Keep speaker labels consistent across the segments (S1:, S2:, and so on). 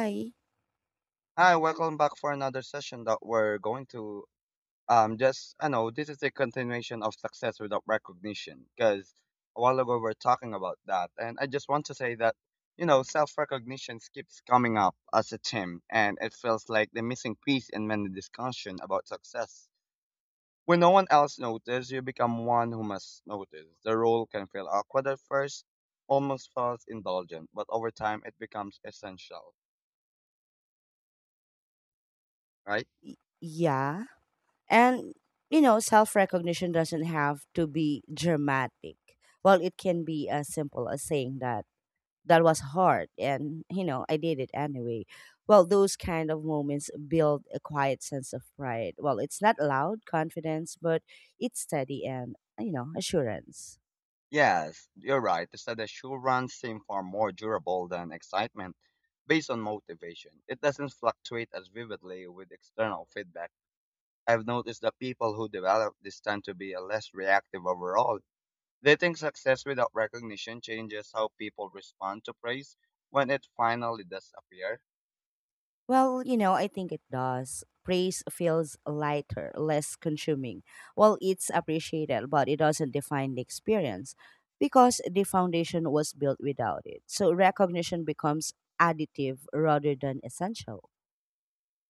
S1: I,
S2: Hi, welcome back for another session that we're going to just I know this is a continuation of success without recognition, because a while ago we were talking about that. And I just want to say that, you know, self-recognition keeps coming up as a theme, and it feels like the missing piece in many discussion about success. When no one else notices, you become one who must notice. The role can feel awkward at first, almost false indulgent, but over time it becomes essential, right?
S1: y- yeah. And, you know, self recognition doesn't have to be dramatic. It can be as simple as saying that was hard and, you know, I did it anyway. Well, those kind of moments build a quiet sense of pride. Well, it's not loud confidence, but it's steady and, you know, assurance.
S2: Yes, you're right. The studies show runs seem far more durable than excitement based on motivation. It doesn't fluctuate as vividly with external feedback. I've noticed that people who develop this tend to be less reactive overall. They think success without recognition changes how people respond to praise when it finally does appear.
S1: Well, you know, I think it does. Praise feels lighter, less consuming. Well, it's appreciated, but it doesn't define the experience because the foundation was built without it. So recognition becomes additive rather than essential.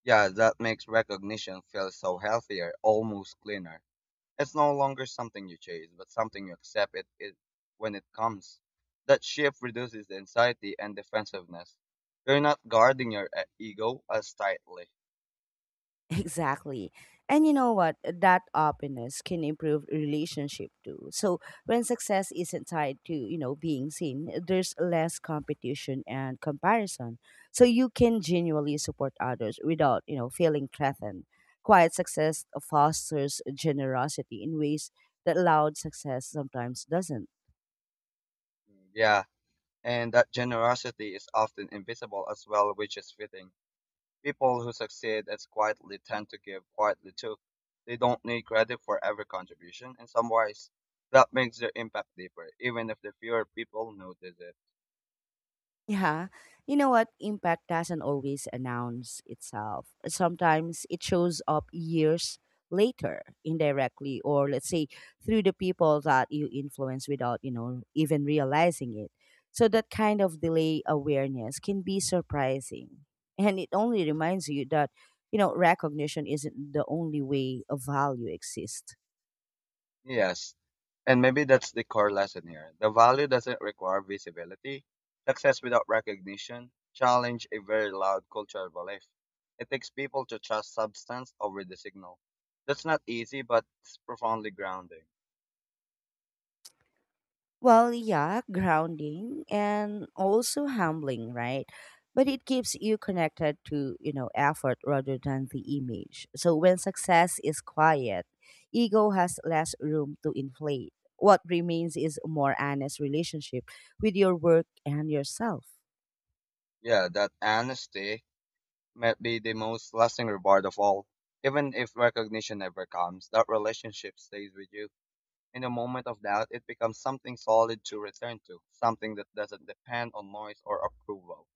S2: Yeah, that makes recognition feel so healthier, almost cleaner. It's no longer something you chase, but something you accept it, it when it comes. That shift reduces the anxiety and defensiveness. You're not guarding your ego as tightly.
S1: Exactly. And you know what? That openness can improve relationship too. So when success isn't tied to, you know, being seen, there's less competition and comparison. So you can genuinely support others without, you know, feeling threatened. Quiet success fosters generosity in ways that loud success sometimes doesn't.
S2: Yeah, and that generosity is often invisible as well, which is fitting. People who succeed as quietly tend to give quietly too. They don't need credit for every contribution in some ways. That makes their impact deeper, even if the fewer people notice it.
S1: Yeah, you know what? Impact doesn't always announce itself. Sometimes it shows up years later, indirectly, or let's say through the people that you influence without, you know, even realizing it. So that kind of delay awareness can be surprising. And it only reminds you that, you know, recognition isn't the only way a value exists.
S2: Yes. And maybe that's the core lesson here. The value doesn't require visibility. Success without recognition challenge a very loud cultural belief. It takes people to trust substance over the signal. That's not easy, but it's profoundly grounding.
S1: Well, yeah, grounding and also humbling, right? But it keeps you connected to, you know, effort rather than the image. So when success is quiet, ego has less room to inflate. What remains is a more honest relationship with your work and yourself.
S2: Yeah, that honesty might be the most lasting reward of all. Even if recognition never comes, that relationship stays with you. In a moment of doubt, it becomes something solid to return to, something that doesn't depend on noise or approval.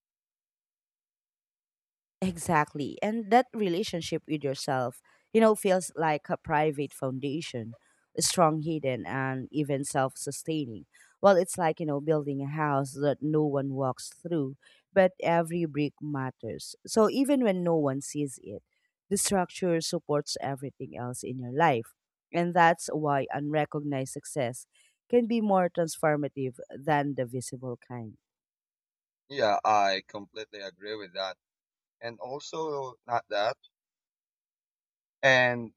S1: Exactly. And that relationship with yourself, you know, feels like a private foundation, strong, hidden, and even self sustaining. Well, it's like, you know, building a house that no one walks through, but every brick matters. So even when no one sees it, the structure supports everything else in your life. And that's why unrecognized success can be more transformative than the visible kind.
S2: Yeah, I completely agree with that. And also not that. And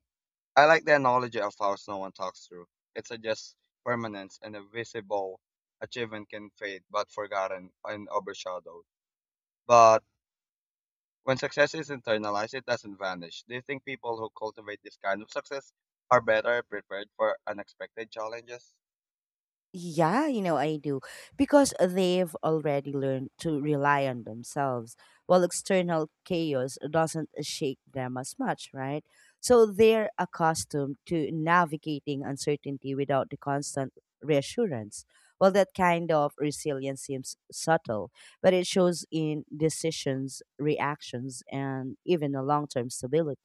S2: I like the analogy of how someone talks through. It suggests permanence, and a visible achievement can fade but forgotten and overshadowed. But when success is internalized, it doesn't vanish. Do you think people who cultivate this kind of success are better prepared for unexpected challenges?
S1: Yeah, you know, I do. Because they've already learned to rely on themselves, while external chaos doesn't shake them as much, right? So they're accustomed to navigating uncertainty without the constant reassurance. Well, that kind of resilience seems subtle, but it shows in decisions, reactions, and even a long term stability.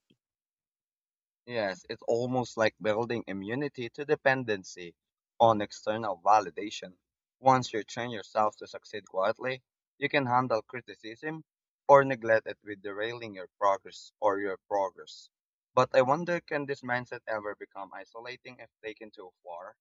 S2: Yes, it's almost like building immunity to dependency on external validation. Once you train yourself to succeed quietly, you can handle criticism or neglect it with derailing your progress or your progress. But I wonder, can this mindset ever become isolating if taken too far?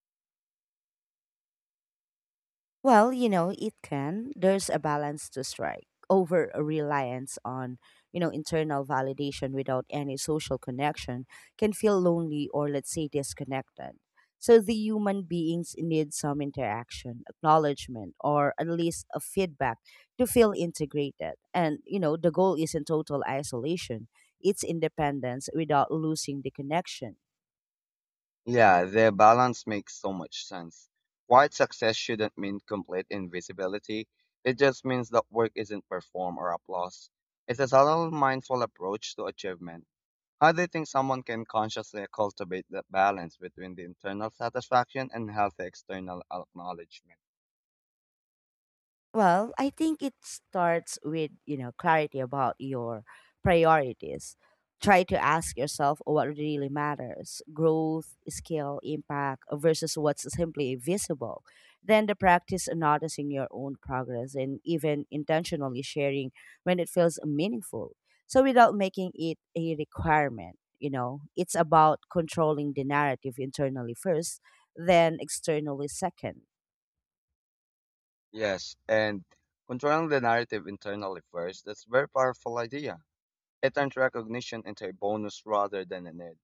S1: Well, you know, it can. There's a balance to strike over a reliance on, you know, internal validation without any social connection can feel lonely or let's say disconnected. So the human beings need some interaction, acknowledgement, or at least a feedback to feel integrated. And, you know, the goal isn't total isolation. It's independence without losing the connection.
S2: Yeah, their balance makes so much sense. Quiet success shouldn't mean complete invisibility. It just means that work isn't performed or applause. It's a subtle, mindful approach to achievement. How do you think someone can consciously cultivate that balance between the internal satisfaction and healthy external acknowledgement?
S1: Well, I think it starts with, you know, clarity about your priorities. Try to ask yourself what really matters growth, scale, impact versus what's simply visible. Then the practice noticing your own progress and even intentionally sharing when it feels meaningful. So without making it a requirement, you know, it's about controlling the narrative internally first, then externally second.
S2: Yes, and controlling the narrative internally first, that's a very powerful idea. It turns recognition into a bonus rather than a need.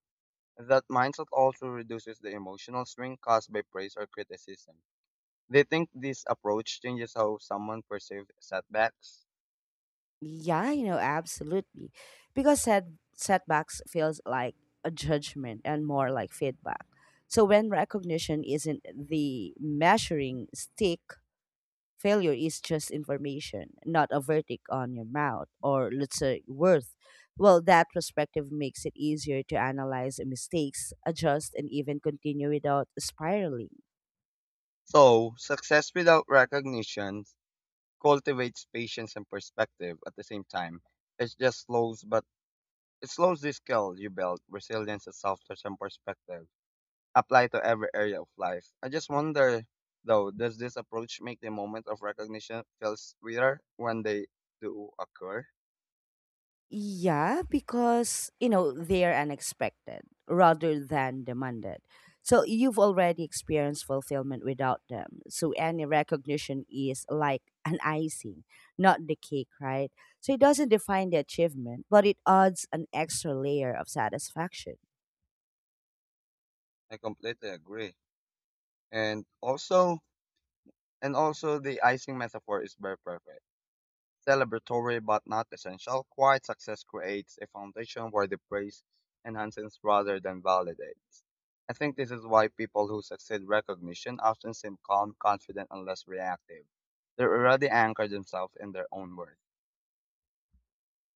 S2: That mindset also reduces the emotional swing caused by praise or criticism. They think this approach changes how someone perceives setbacks.
S1: Yeah, you know, absolutely. Because setbacks feels like a judgment and more like feedback. So when recognition isn't the measuring stick, failure is just information, not a verdict on your mouth or let's say worth. Well, that perspective makes it easier to analyze mistakes, adjust, and even continue without spiraling.
S2: So, success without recognition cultivates patience and perspective at the same time. It just slows, but it slows the skill you build, resilience and self-touch and perspective, apply to every area of life. I just wonder, though, does this approach make the moment of recognition feel sweeter when they do occur?
S1: Yeah, because, you know, they're unexpected rather than demanded. So you've already experienced fulfillment without them. So any recognition is like an icing, not the cake, right? So it doesn't define the achievement, but it adds an extra layer of satisfaction.
S2: I completely agree. And also, and also the icing metaphor is very perfect. Celebratory but not essential. Quiet success creates a foundation where the praise enhances rather than validates. I think this is why people who succeed recognition often seem calm, confident, and less reactive. They already anchor themselves in their own worth.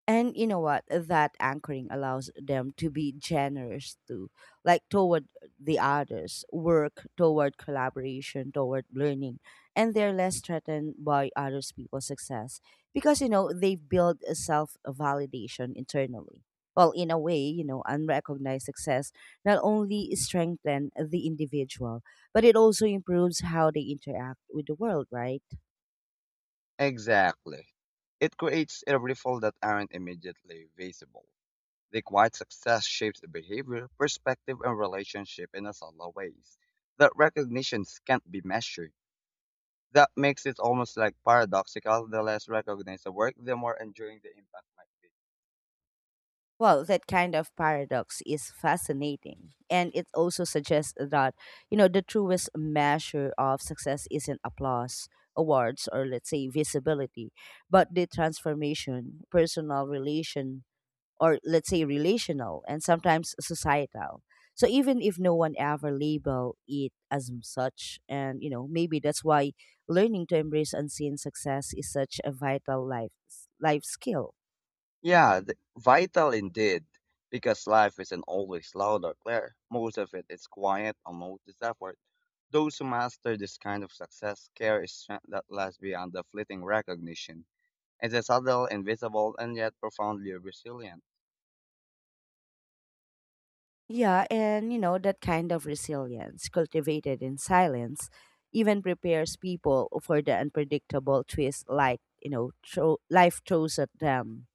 S1: And you know what, that anchoring allows them to be generous too, like toward the others work, toward collaboration, toward learning. And they're less threatened by others people's success because, you know, they've built a self-validation internally. Well, in a way, you know, unrecognized success not only strengthens the individual, but it also improves how they interact with the world, right?
S2: Exactly. It creates a ripple that aren't immediately visible. The quiet success shapes the behavior, perspective, and relationship in a subtle ways that recognition can't be measured. That makes it almost like paradoxical. The less recognized the work, the more enduring the impact might be.
S1: Well, that kind of paradox is fascinating. And it also suggests that, you know, the truest measure of success isn't applause, awards, or let's say visibility, but the transformation, personal relation, or let's say relational, and sometimes societal. So even if no one ever label it as such, and you know, maybe that's why learning to embrace unseen success is such a vital life skill.
S2: Yeah, vital indeed, because life isn't always loud or clear. Most of it is quiet, unnoticed effort. Those who master this kind of success carry a strength that lasts beyond the fleeting recognition. It's a subtle, invisible, and yet profoundly resilient.
S1: Yeah, and you know, that kind of resilience, cultivated in silence, even prepares people for the unpredictable twist like, you know, throw, life throws at them.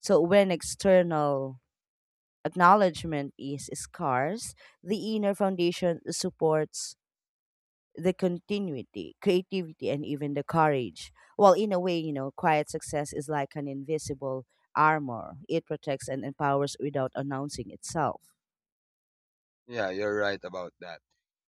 S1: So when external acknowledgement is scarce, the inner foundation supports the continuity, creativity, and even the courage. Well, in a way, you know, quiet success is like an invisible armor. It protects and empowers without announcing itself.
S2: Yeah, you're right about that.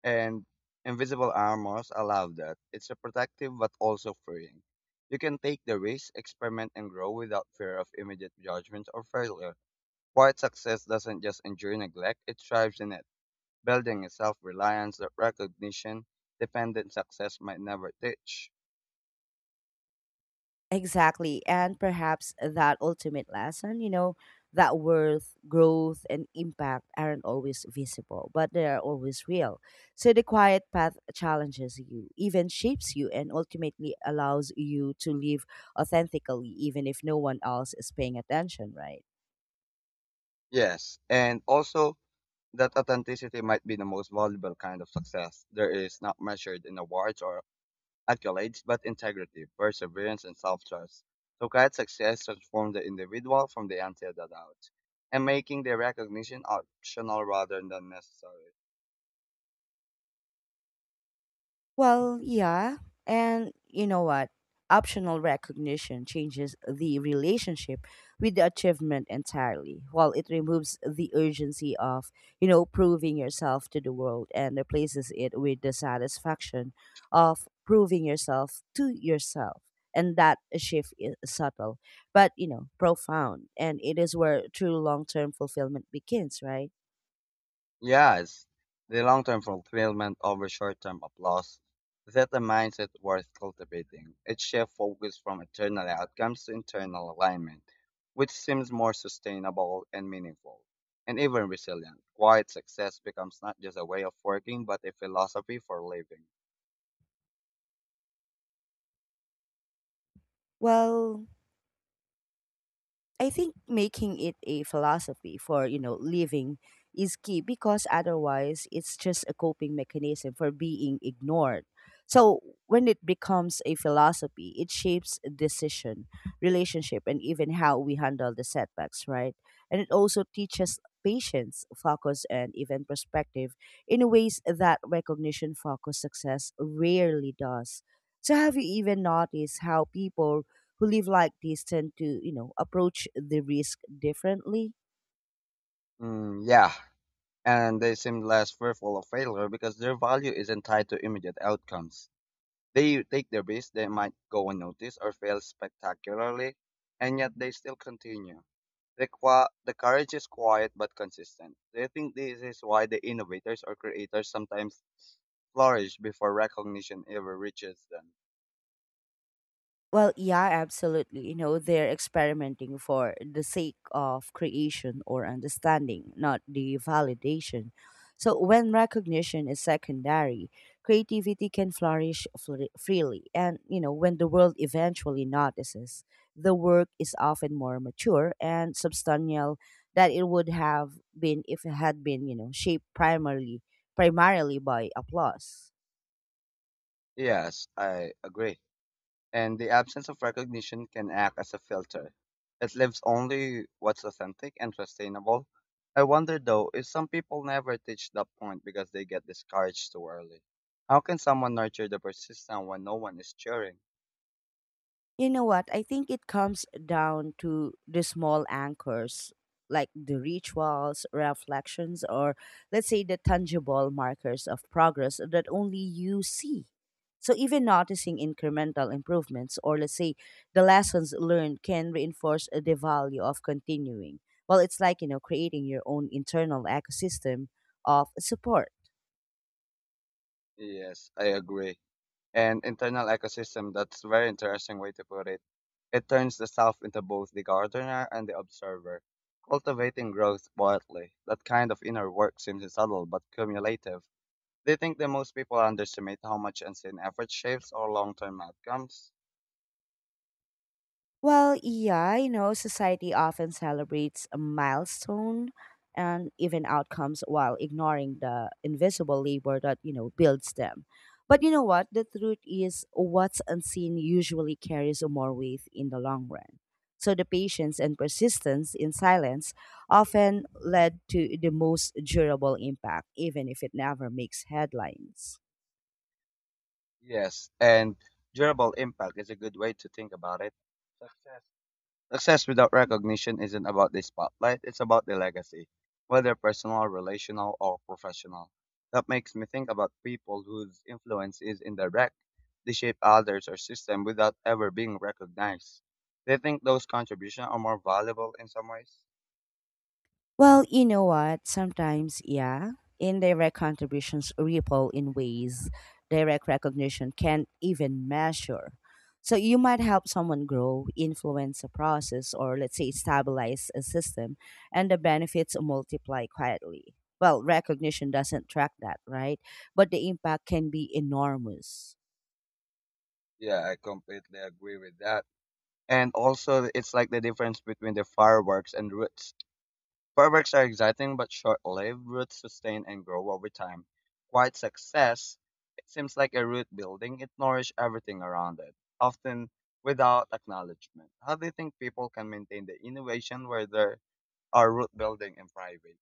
S2: And invisible armors allow that. It's a protective but also freeing. You can take the risk, experiment, and grow without fear of immediate judgment or failure. Quiet success doesn't just endure neglect, it thrives in it, building a self reliance that recognition dependent success might never teach.
S1: Exactly. And perhaps that ultimate lesson, you know, that worth, growth, and impact aren't always visible, but they are always real. So the quiet path challenges you, even shapes you, and ultimately allows you to live authentically, even if no one else is paying attention, right?
S2: Yes, and also that authenticity might be the most valuable kind of success. There is not measured in awards or accolades, but integrity, perseverance, and self-trust. Socratic success transformed the individual from the ante of the doubt and making the recognition optional rather than necessary.
S1: Well, yeah. And you know what? Optional recognition changes the relationship with the achievement entirely, while it removes the urgency of, you know, proving yourself to the world and replaces it with the satisfaction of proving yourself to yourself. And that shift is subtle, but, you know, profound. And it is where true long term fulfillment begins, right?
S2: Yes, the long-term fulfillment over short-term applause. That a mindset worth cultivating. It shifts focus from external outcomes to internal alignment, which seems more sustainable and meaningful and even resilient. Quiet success becomes not just a way of working, but a philosophy for living.
S1: Well, I think making it a philosophy for, you know, living is key because otherwise it's just a coping mechanism for being ignored. So when it becomes a philosophy, it shapes decision, relationship, and even how we handle the setbacks, right? And it also teaches patience, focus, and even perspective in ways that recognition focused success rarely does. So have you even noticed how people who live like this tend to, you know, approach the risk differently.
S2: Mm, yeah, and they seem less fearful of failure because their value isn't tied to immediate outcomes. They take their risk, they might go unnoticed or fail spectacularly, and yet they still continue. The courage is quiet but consistent. Do you think this is why the innovators or creators sometimes flourish before recognition ever reaches them?
S1: Well, yeah, absolutely. You know, they're experimenting for the sake of creation or understanding, not the validation. So when recognition is secondary, creativity can flourish freely. And, you know, when the world eventually notices, the work is often more mature and substantial than it would have been if it had been, you know, shaped primarily by applause.
S2: Yes, I agree. And the absence of recognition can act as a filter. It lives only what's authentic and sustainable. I wonder though, if some people never reach that point because they get discouraged too early. How can someone nurture the persistence when no one is cheering?
S1: You know what? I think it comes down to the small anchors, like the rituals, reflections, or let's say the tangible markers of progress that only you see. So, even noticing incremental improvements, or let's say the lessons learned, can reinforce the value of continuing. Well, it's like, you know, creating your own internal ecosystem of support.
S2: Yes, I agree. And internal ecosystem, that's a very interesting way to put it. It turns the self into both the gardener and the observer, cultivating growth quietly. That kind of inner work seems subtle but cumulative. They think that most people underestimate how much unseen effort shapes our long term outcomes?
S1: Well, yeah, you know, society often celebrates a milestone and even outcomes while ignoring the invisible labor that, you know, builds them. But you know what? The truth is, what's unseen usually carries more weight in the long run. So the patience and persistence in silence often led to the most durable impact, even if it never makes headlines.
S2: Yes, and durable impact is a good way to think about it. Success. Success without recognition isn't about the spotlight, it's about the legacy, whether personal, relational, or professional. That makes me think about people whose influence is indirect. They shape others or system without ever being recognized. They think those contributions are more valuable in some ways.
S1: Well, you know what? Sometimes, yeah, indirect contributions ripple in ways direct recognition can't even measure. So you might help someone grow, influence a process, or let's say stabilize a system, and the benefits multiply quietly. Well, recognition doesn't track that, right? But the impact can be enormous.
S2: Yeah, I completely agree with that. And also, it's like the difference between the fireworks and roots. Fireworks are exciting but short-lived. Roots sustain and grow over time. Quite success, it seems like a root building. It nourishes everything around it, often without acknowledgement. How do you think people can maintain the innovation where there are root building in private?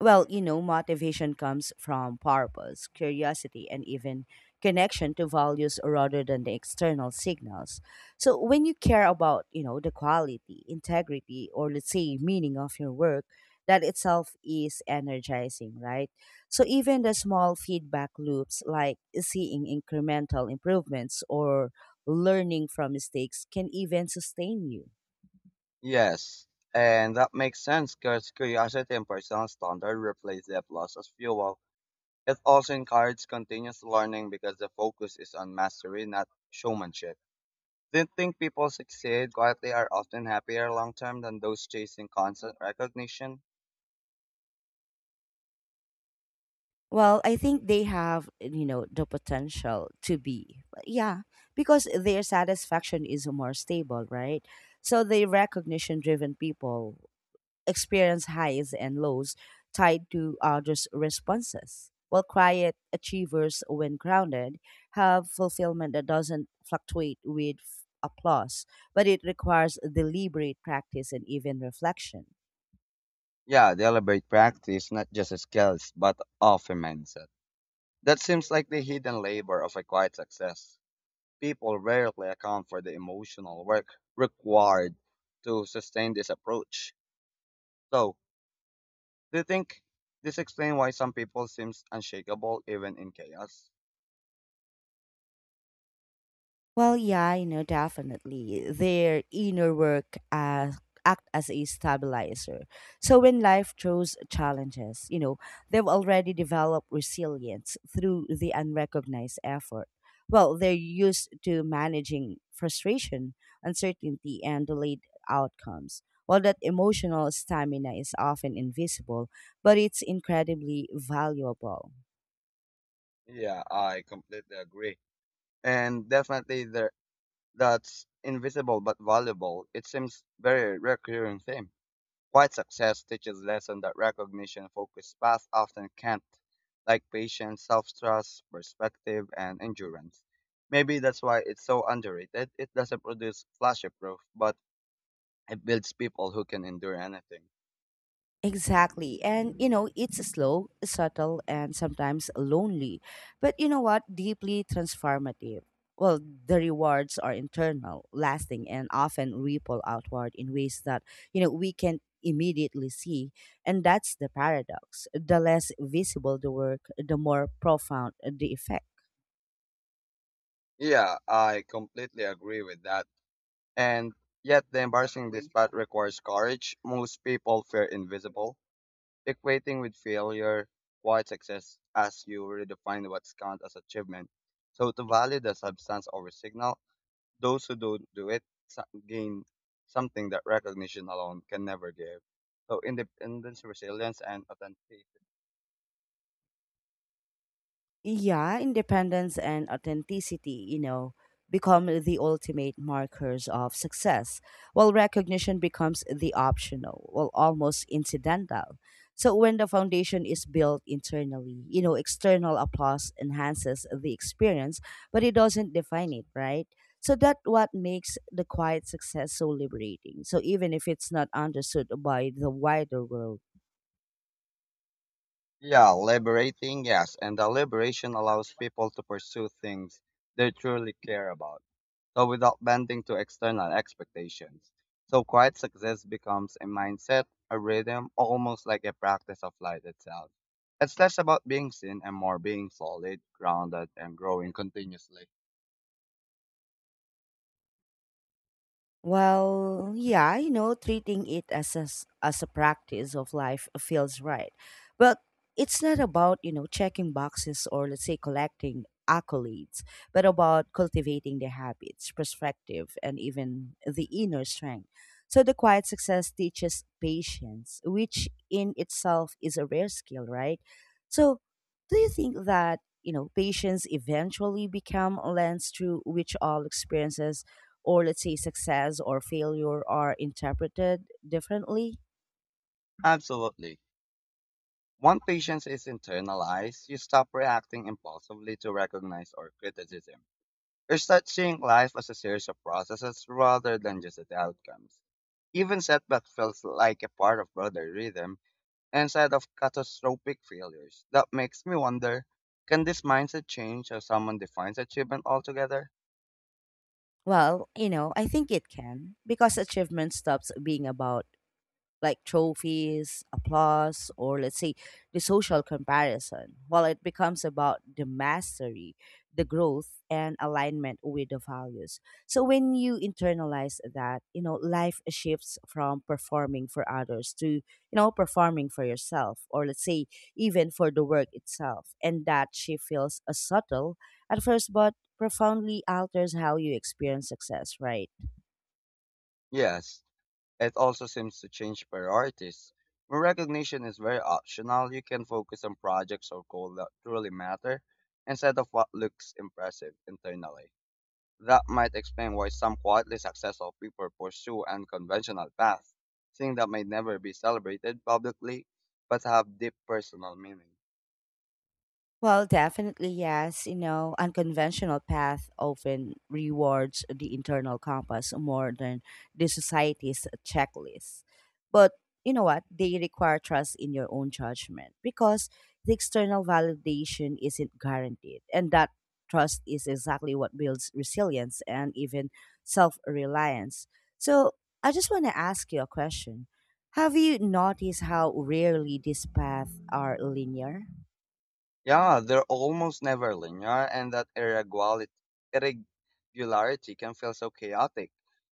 S1: Well, you know, motivation comes from purpose, curiosity, and even connection to values rather than the external signals. So when you care about, you know, the quality, integrity, or let's say meaning of your work, that itself is energizing, right? So even the small feedback loops like seeing incremental improvements or learning from mistakes can even sustain you.
S2: Yes, and that makes sense because curiosity and personal standard replace the applause as fuel. It also encourages continuous learning because the focus is on mastery, not showmanship. They think people succeed quietly are often happier long term than those chasing constant recognition.
S1: Well, I think they have, you know, the potential to be. Yeah, because their satisfaction is more stable, right? So the recognition driven people experience highs and lows tied to others' responses, while quiet achievers, when grounded, have fulfillment that doesn't fluctuate with applause, but it requires deliberate practice and even reflection.
S2: Yeah, deliberate practice, not just skills, but of a mindset. That seems like the hidden labor of a quiet success. People rarely account for the emotional work required to sustain this approach. So, do you think this explains why some people seem unshakable even in chaos?
S1: Well, yeah, you know, definitely. Their inner work act as a stabilizer. So when life throws challenges, you know, they've already developed resilience through the unrecognized effort. Well, they're used to managing frustration, uncertainty, and delayed outcomes. While that emotional stamina is often invisible, but it's incredibly valuable.
S2: Yeah, I completely agree. And definitely there, that's invisible but valuable. It seems very recurring theme. Quiet success teaches lesson that recognition focused path often can't, like patience, self-trust, perspective, and endurance. Maybe that's why it's so underrated. It doesn't produce flashy proof, but it builds people who can endure anything.
S1: Exactly. And, you know, it's slow, subtle, and sometimes lonely. But you know what? Deeply transformative. Well, the rewards are internal, lasting, and often ripple outward in ways that, you know, we can immediately see. And that's the paradox. The less visible the work, the more profound the effect.
S2: Yeah, I completely agree with that. And yet, the embarrassing this path requires courage. Most people fear invisible, equating with failure, quiet success as you redefine what's count as achievement. So, to value the substance over signal, those who don't do it gain something that recognition alone can never give. So, independence, resilience, and authenticity.
S1: Yeah, independence and authenticity, you know, become the ultimate markers of success, while recognition becomes the optional, well, almost incidental. So when the foundation is built internally, you know, external applause enhances the experience, but it doesn't define it, right? So that what makes the quiet success so liberating. So even if it's not understood by the wider world.
S2: Yeah, liberating, yes. And the liberation allows people to pursue things they truly care about, so without bending to external expectations. So quiet success becomes a mindset, a rhythm, almost like a practice of life itself. It's less about being seen and more being solid, grounded, and growing continuously.
S1: Well, yeah, you know, treating it as a, as a practice of life feels right. But it's not about, you know, checking boxes or let's say collecting accolades, but about cultivating the habits, perspective, and even the inner strength. So the quiet success teaches patience, which in itself is a rare skill, right? So do you think that, you know, patience eventually become a lens through which all experiences, or let's say success or failure, are interpreted differently?
S2: Absolutely. Once patience is internalized, you stop reacting impulsively to recognize or criticism. You start seeing life as a series of processes rather than just the outcomes. Even setback feels like a part of broader rhythm instead of catastrophic failures. That makes me wonder, can this mindset change how someone defines achievement altogether?
S1: Well, you know, I think it can because achievement stops being about like trophies, applause, or let's say the social comparison, while it becomes about the mastery, the growth, and alignment with the values. So when you internalize that, you know, life shifts from performing for others to, you know, performing for yourself, or let's say even for the work itself. And that she feels a subtle at first, but profoundly alters how you experience success, right?
S2: Yes, it also seems to change priorities. When recognition is very optional, you can focus on projects or goals that truly matter instead of what looks impressive internally. That might explain why some quietly successful people pursue unconventional paths, things that may never be celebrated publicly but have deep personal meaning.
S1: Well, definitely yes. You know, unconventional path often rewards the internal compass more than the society's checklist. But you know what? They require trust in your own judgment because the external validation isn't guaranteed. And that trust is exactly what builds resilience and even self reliance. So I just want to ask you a question. Have you noticed how rarely these paths are linear?
S2: Yeah, they're almost never linear, and that irregularity can feel so chaotic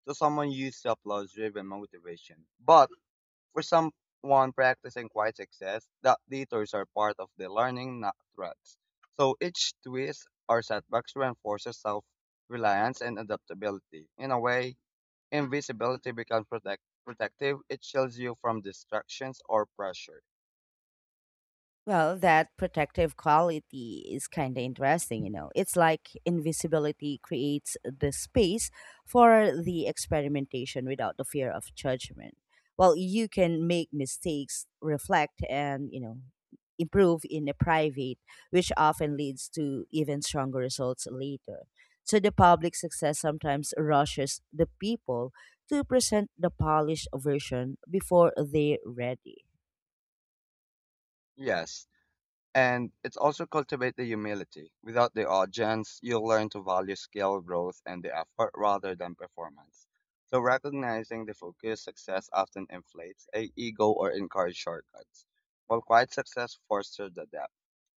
S2: to someone used to applause driven motivation. But for someone practicing quiet success, that detours are part of the learning, not threats. So each twist or setbacks reinforces self reliance and adaptability. In a way, invisibility becomes protective, it shields you from distractions or pressure.
S1: Well, that protective quality is kind of interesting, you know. It's like invisibility creates the space for the experimentation without the fear of judgment. Well, you can make mistakes, reflect, and, you know, improve in a private, which often leads to even stronger results later. So the public success sometimes rushes the people to present the polished version before they're ready.
S2: Yes. And it's also cultivate the humility. Without the audience, you'll learn to value skill, growth, and the effort rather than performance. So recognizing the focused success often inflates a ego or encourage shortcuts, while quiet success fosters the depth,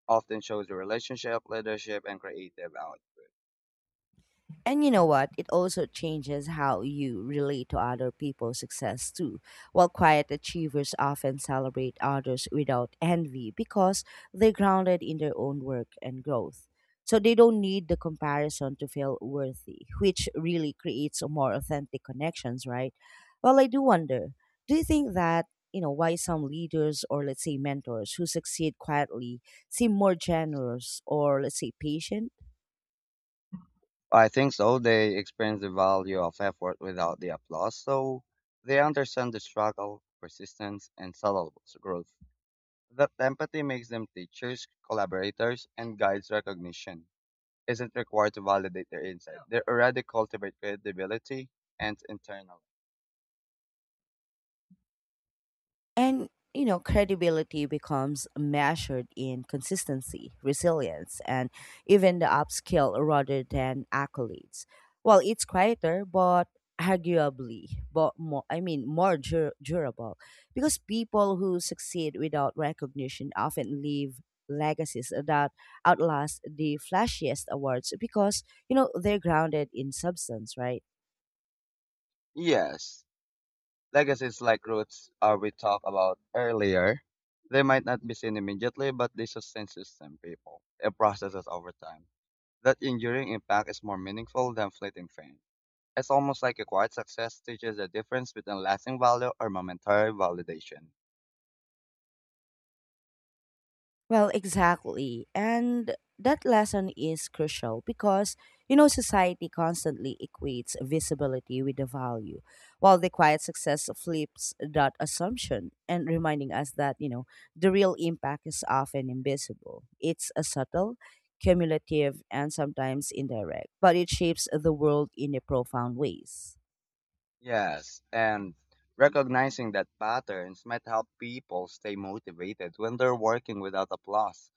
S2: often shows the relationship, leadership, and creative out.
S1: And you know what? It also changes how you relate to other people's success too. While quiet achievers often celebrate others without envy because they're grounded in their own work and growth. So they don't need the comparison to feel worthy, which really creates a more authentic connections, right? Well, I do wonder, do you think that, you know, why some leaders, or let's say mentors, who succeed quietly seem more generous, or let's say patient?
S2: I think so. They experience the value of effort without the applause, so they understand the struggle, persistence, and subtle growth. That empathy makes them teachers, collaborators, and guides recognition. Isn't required to validate their insight. They already cultivate credibility and internal.
S1: And you know, credibility becomes measured in consistency, resilience, and even the upskill rather than accolades. Well, it's quieter, but arguably, but more, durable, because people who succeed without recognition often leave legacies that outlast the flashiest awards because you know they're grounded in substance, right?
S2: Yes, legacies like roots we talked about earlier. They might not be seen immediately, but they sustain system people. It processes over time. That enduring impact is more meaningful than fleeting fame. It's almost like a quiet success teaches the difference between lasting value or momentary validation.
S1: Well, exactly. And that lesson is crucial because, you know, society constantly equates visibility with the value, while the quiet success flips that assumption and reminding us that, you know, the real impact is often invisible. It's a subtle, cumulative, and sometimes indirect, but it shapes the world in a profound ways.
S2: Yes, and recognizing that patterns might help people stay motivated when they're working without applause.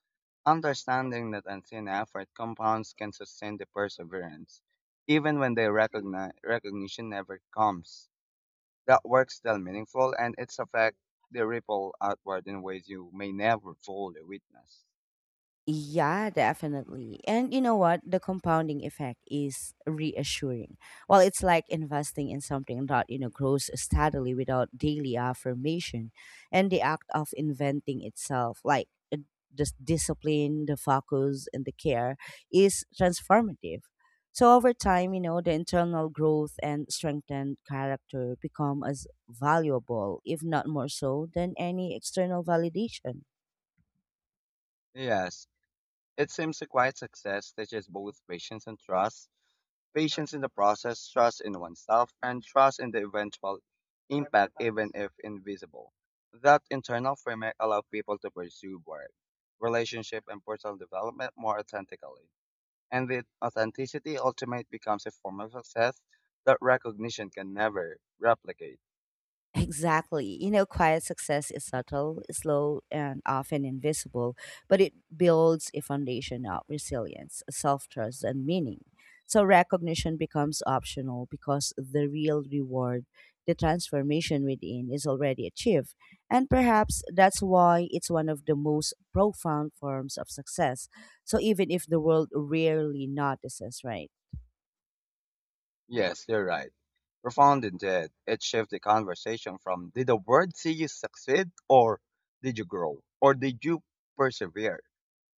S2: Understanding that unseen effort compounds can sustain the perseverance, even when the recognition never comes. That work's still meaningful and its effect the ripple outward in ways you may never fully witness.
S1: Yeah, definitely. And you know what? The compounding effect is reassuring. Well, it's like investing in something that, you know, grows steadily without daily affirmation, and the act of inventing itself, like the discipline, the focus, and the care is transformative. So over time, you know, the internal growth and strengthened character become as valuable, if not more so, than any external validation.
S2: Yes, it seems a quiet success teaches both patience and trust. Patience in the process, trust in oneself, and trust in the eventual impact, even if invisible. That internal framework allows people to pursue work, relationship, and personal development more authentically. And the authenticity ultimately becomes a form of success that recognition can never replicate.
S1: Exactly. You know, quiet success is subtle, slow, and often invisible, but it builds a foundation of resilience, self trust, and meaning. So recognition becomes optional because the real reward, the transformation within, is already achieved. And perhaps that's why it's one of the most profound forms of success. So even if the world rarely notices, right?
S2: Yes, you're right. Profound indeed. It shifts the conversation from did the world see you succeed, or did you grow, or did you persevere?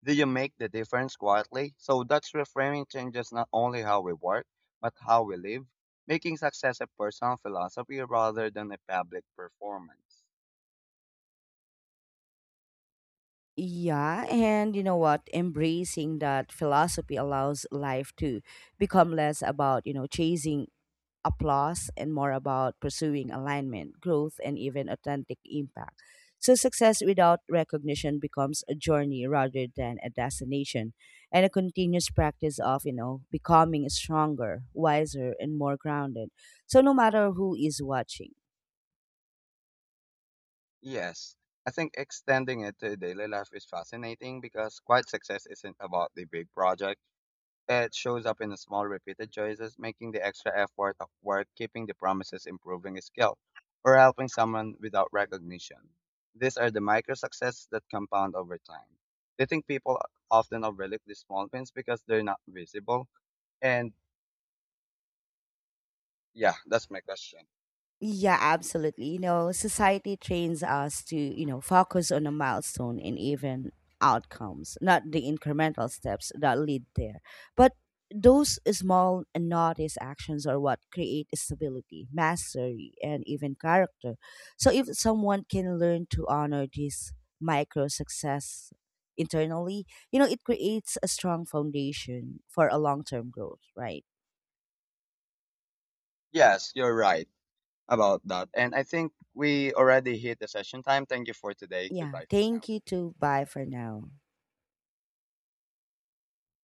S2: Do you make the difference quietly? So that's reframing changes not only how we work, but how we live, making success a personal philosophy rather than a public performance.
S1: Yeah, and you know what? Embracing that philosophy allows life to become less about, you know, chasing applause and more about pursuing alignment, growth, and even authentic impact. So success without recognition becomes a journey rather than a destination, and a continuous practice of, you know, becoming stronger, wiser, and more grounded. So no matter who is watching.
S2: Yes, I think extending it to daily life is fascinating because quiet success isn't about the big project. It shows up in the small repeated choices, making the extra effort of worth keeping the promises, improving skill, or helping someone without recognition. These are the micro successes that compound over time. I think people often overlook these small wins because they're not visible. And yeah, that's my question.
S1: Yeah, absolutely. You know, society trains us to, you know, focus on a milestone and even outcomes, not the incremental steps that lead there. But those small and noticed actions are what create stability, mastery, and even character. So if someone can learn to honor this micro success internally, you know, it creates a strong foundation for a long term growth, right?
S2: Yes, you're right about that. And I think we already hit the session time. Thank you for today.
S1: Yeah.
S2: Goodbye for now.
S1: Thank you too. Bye for now.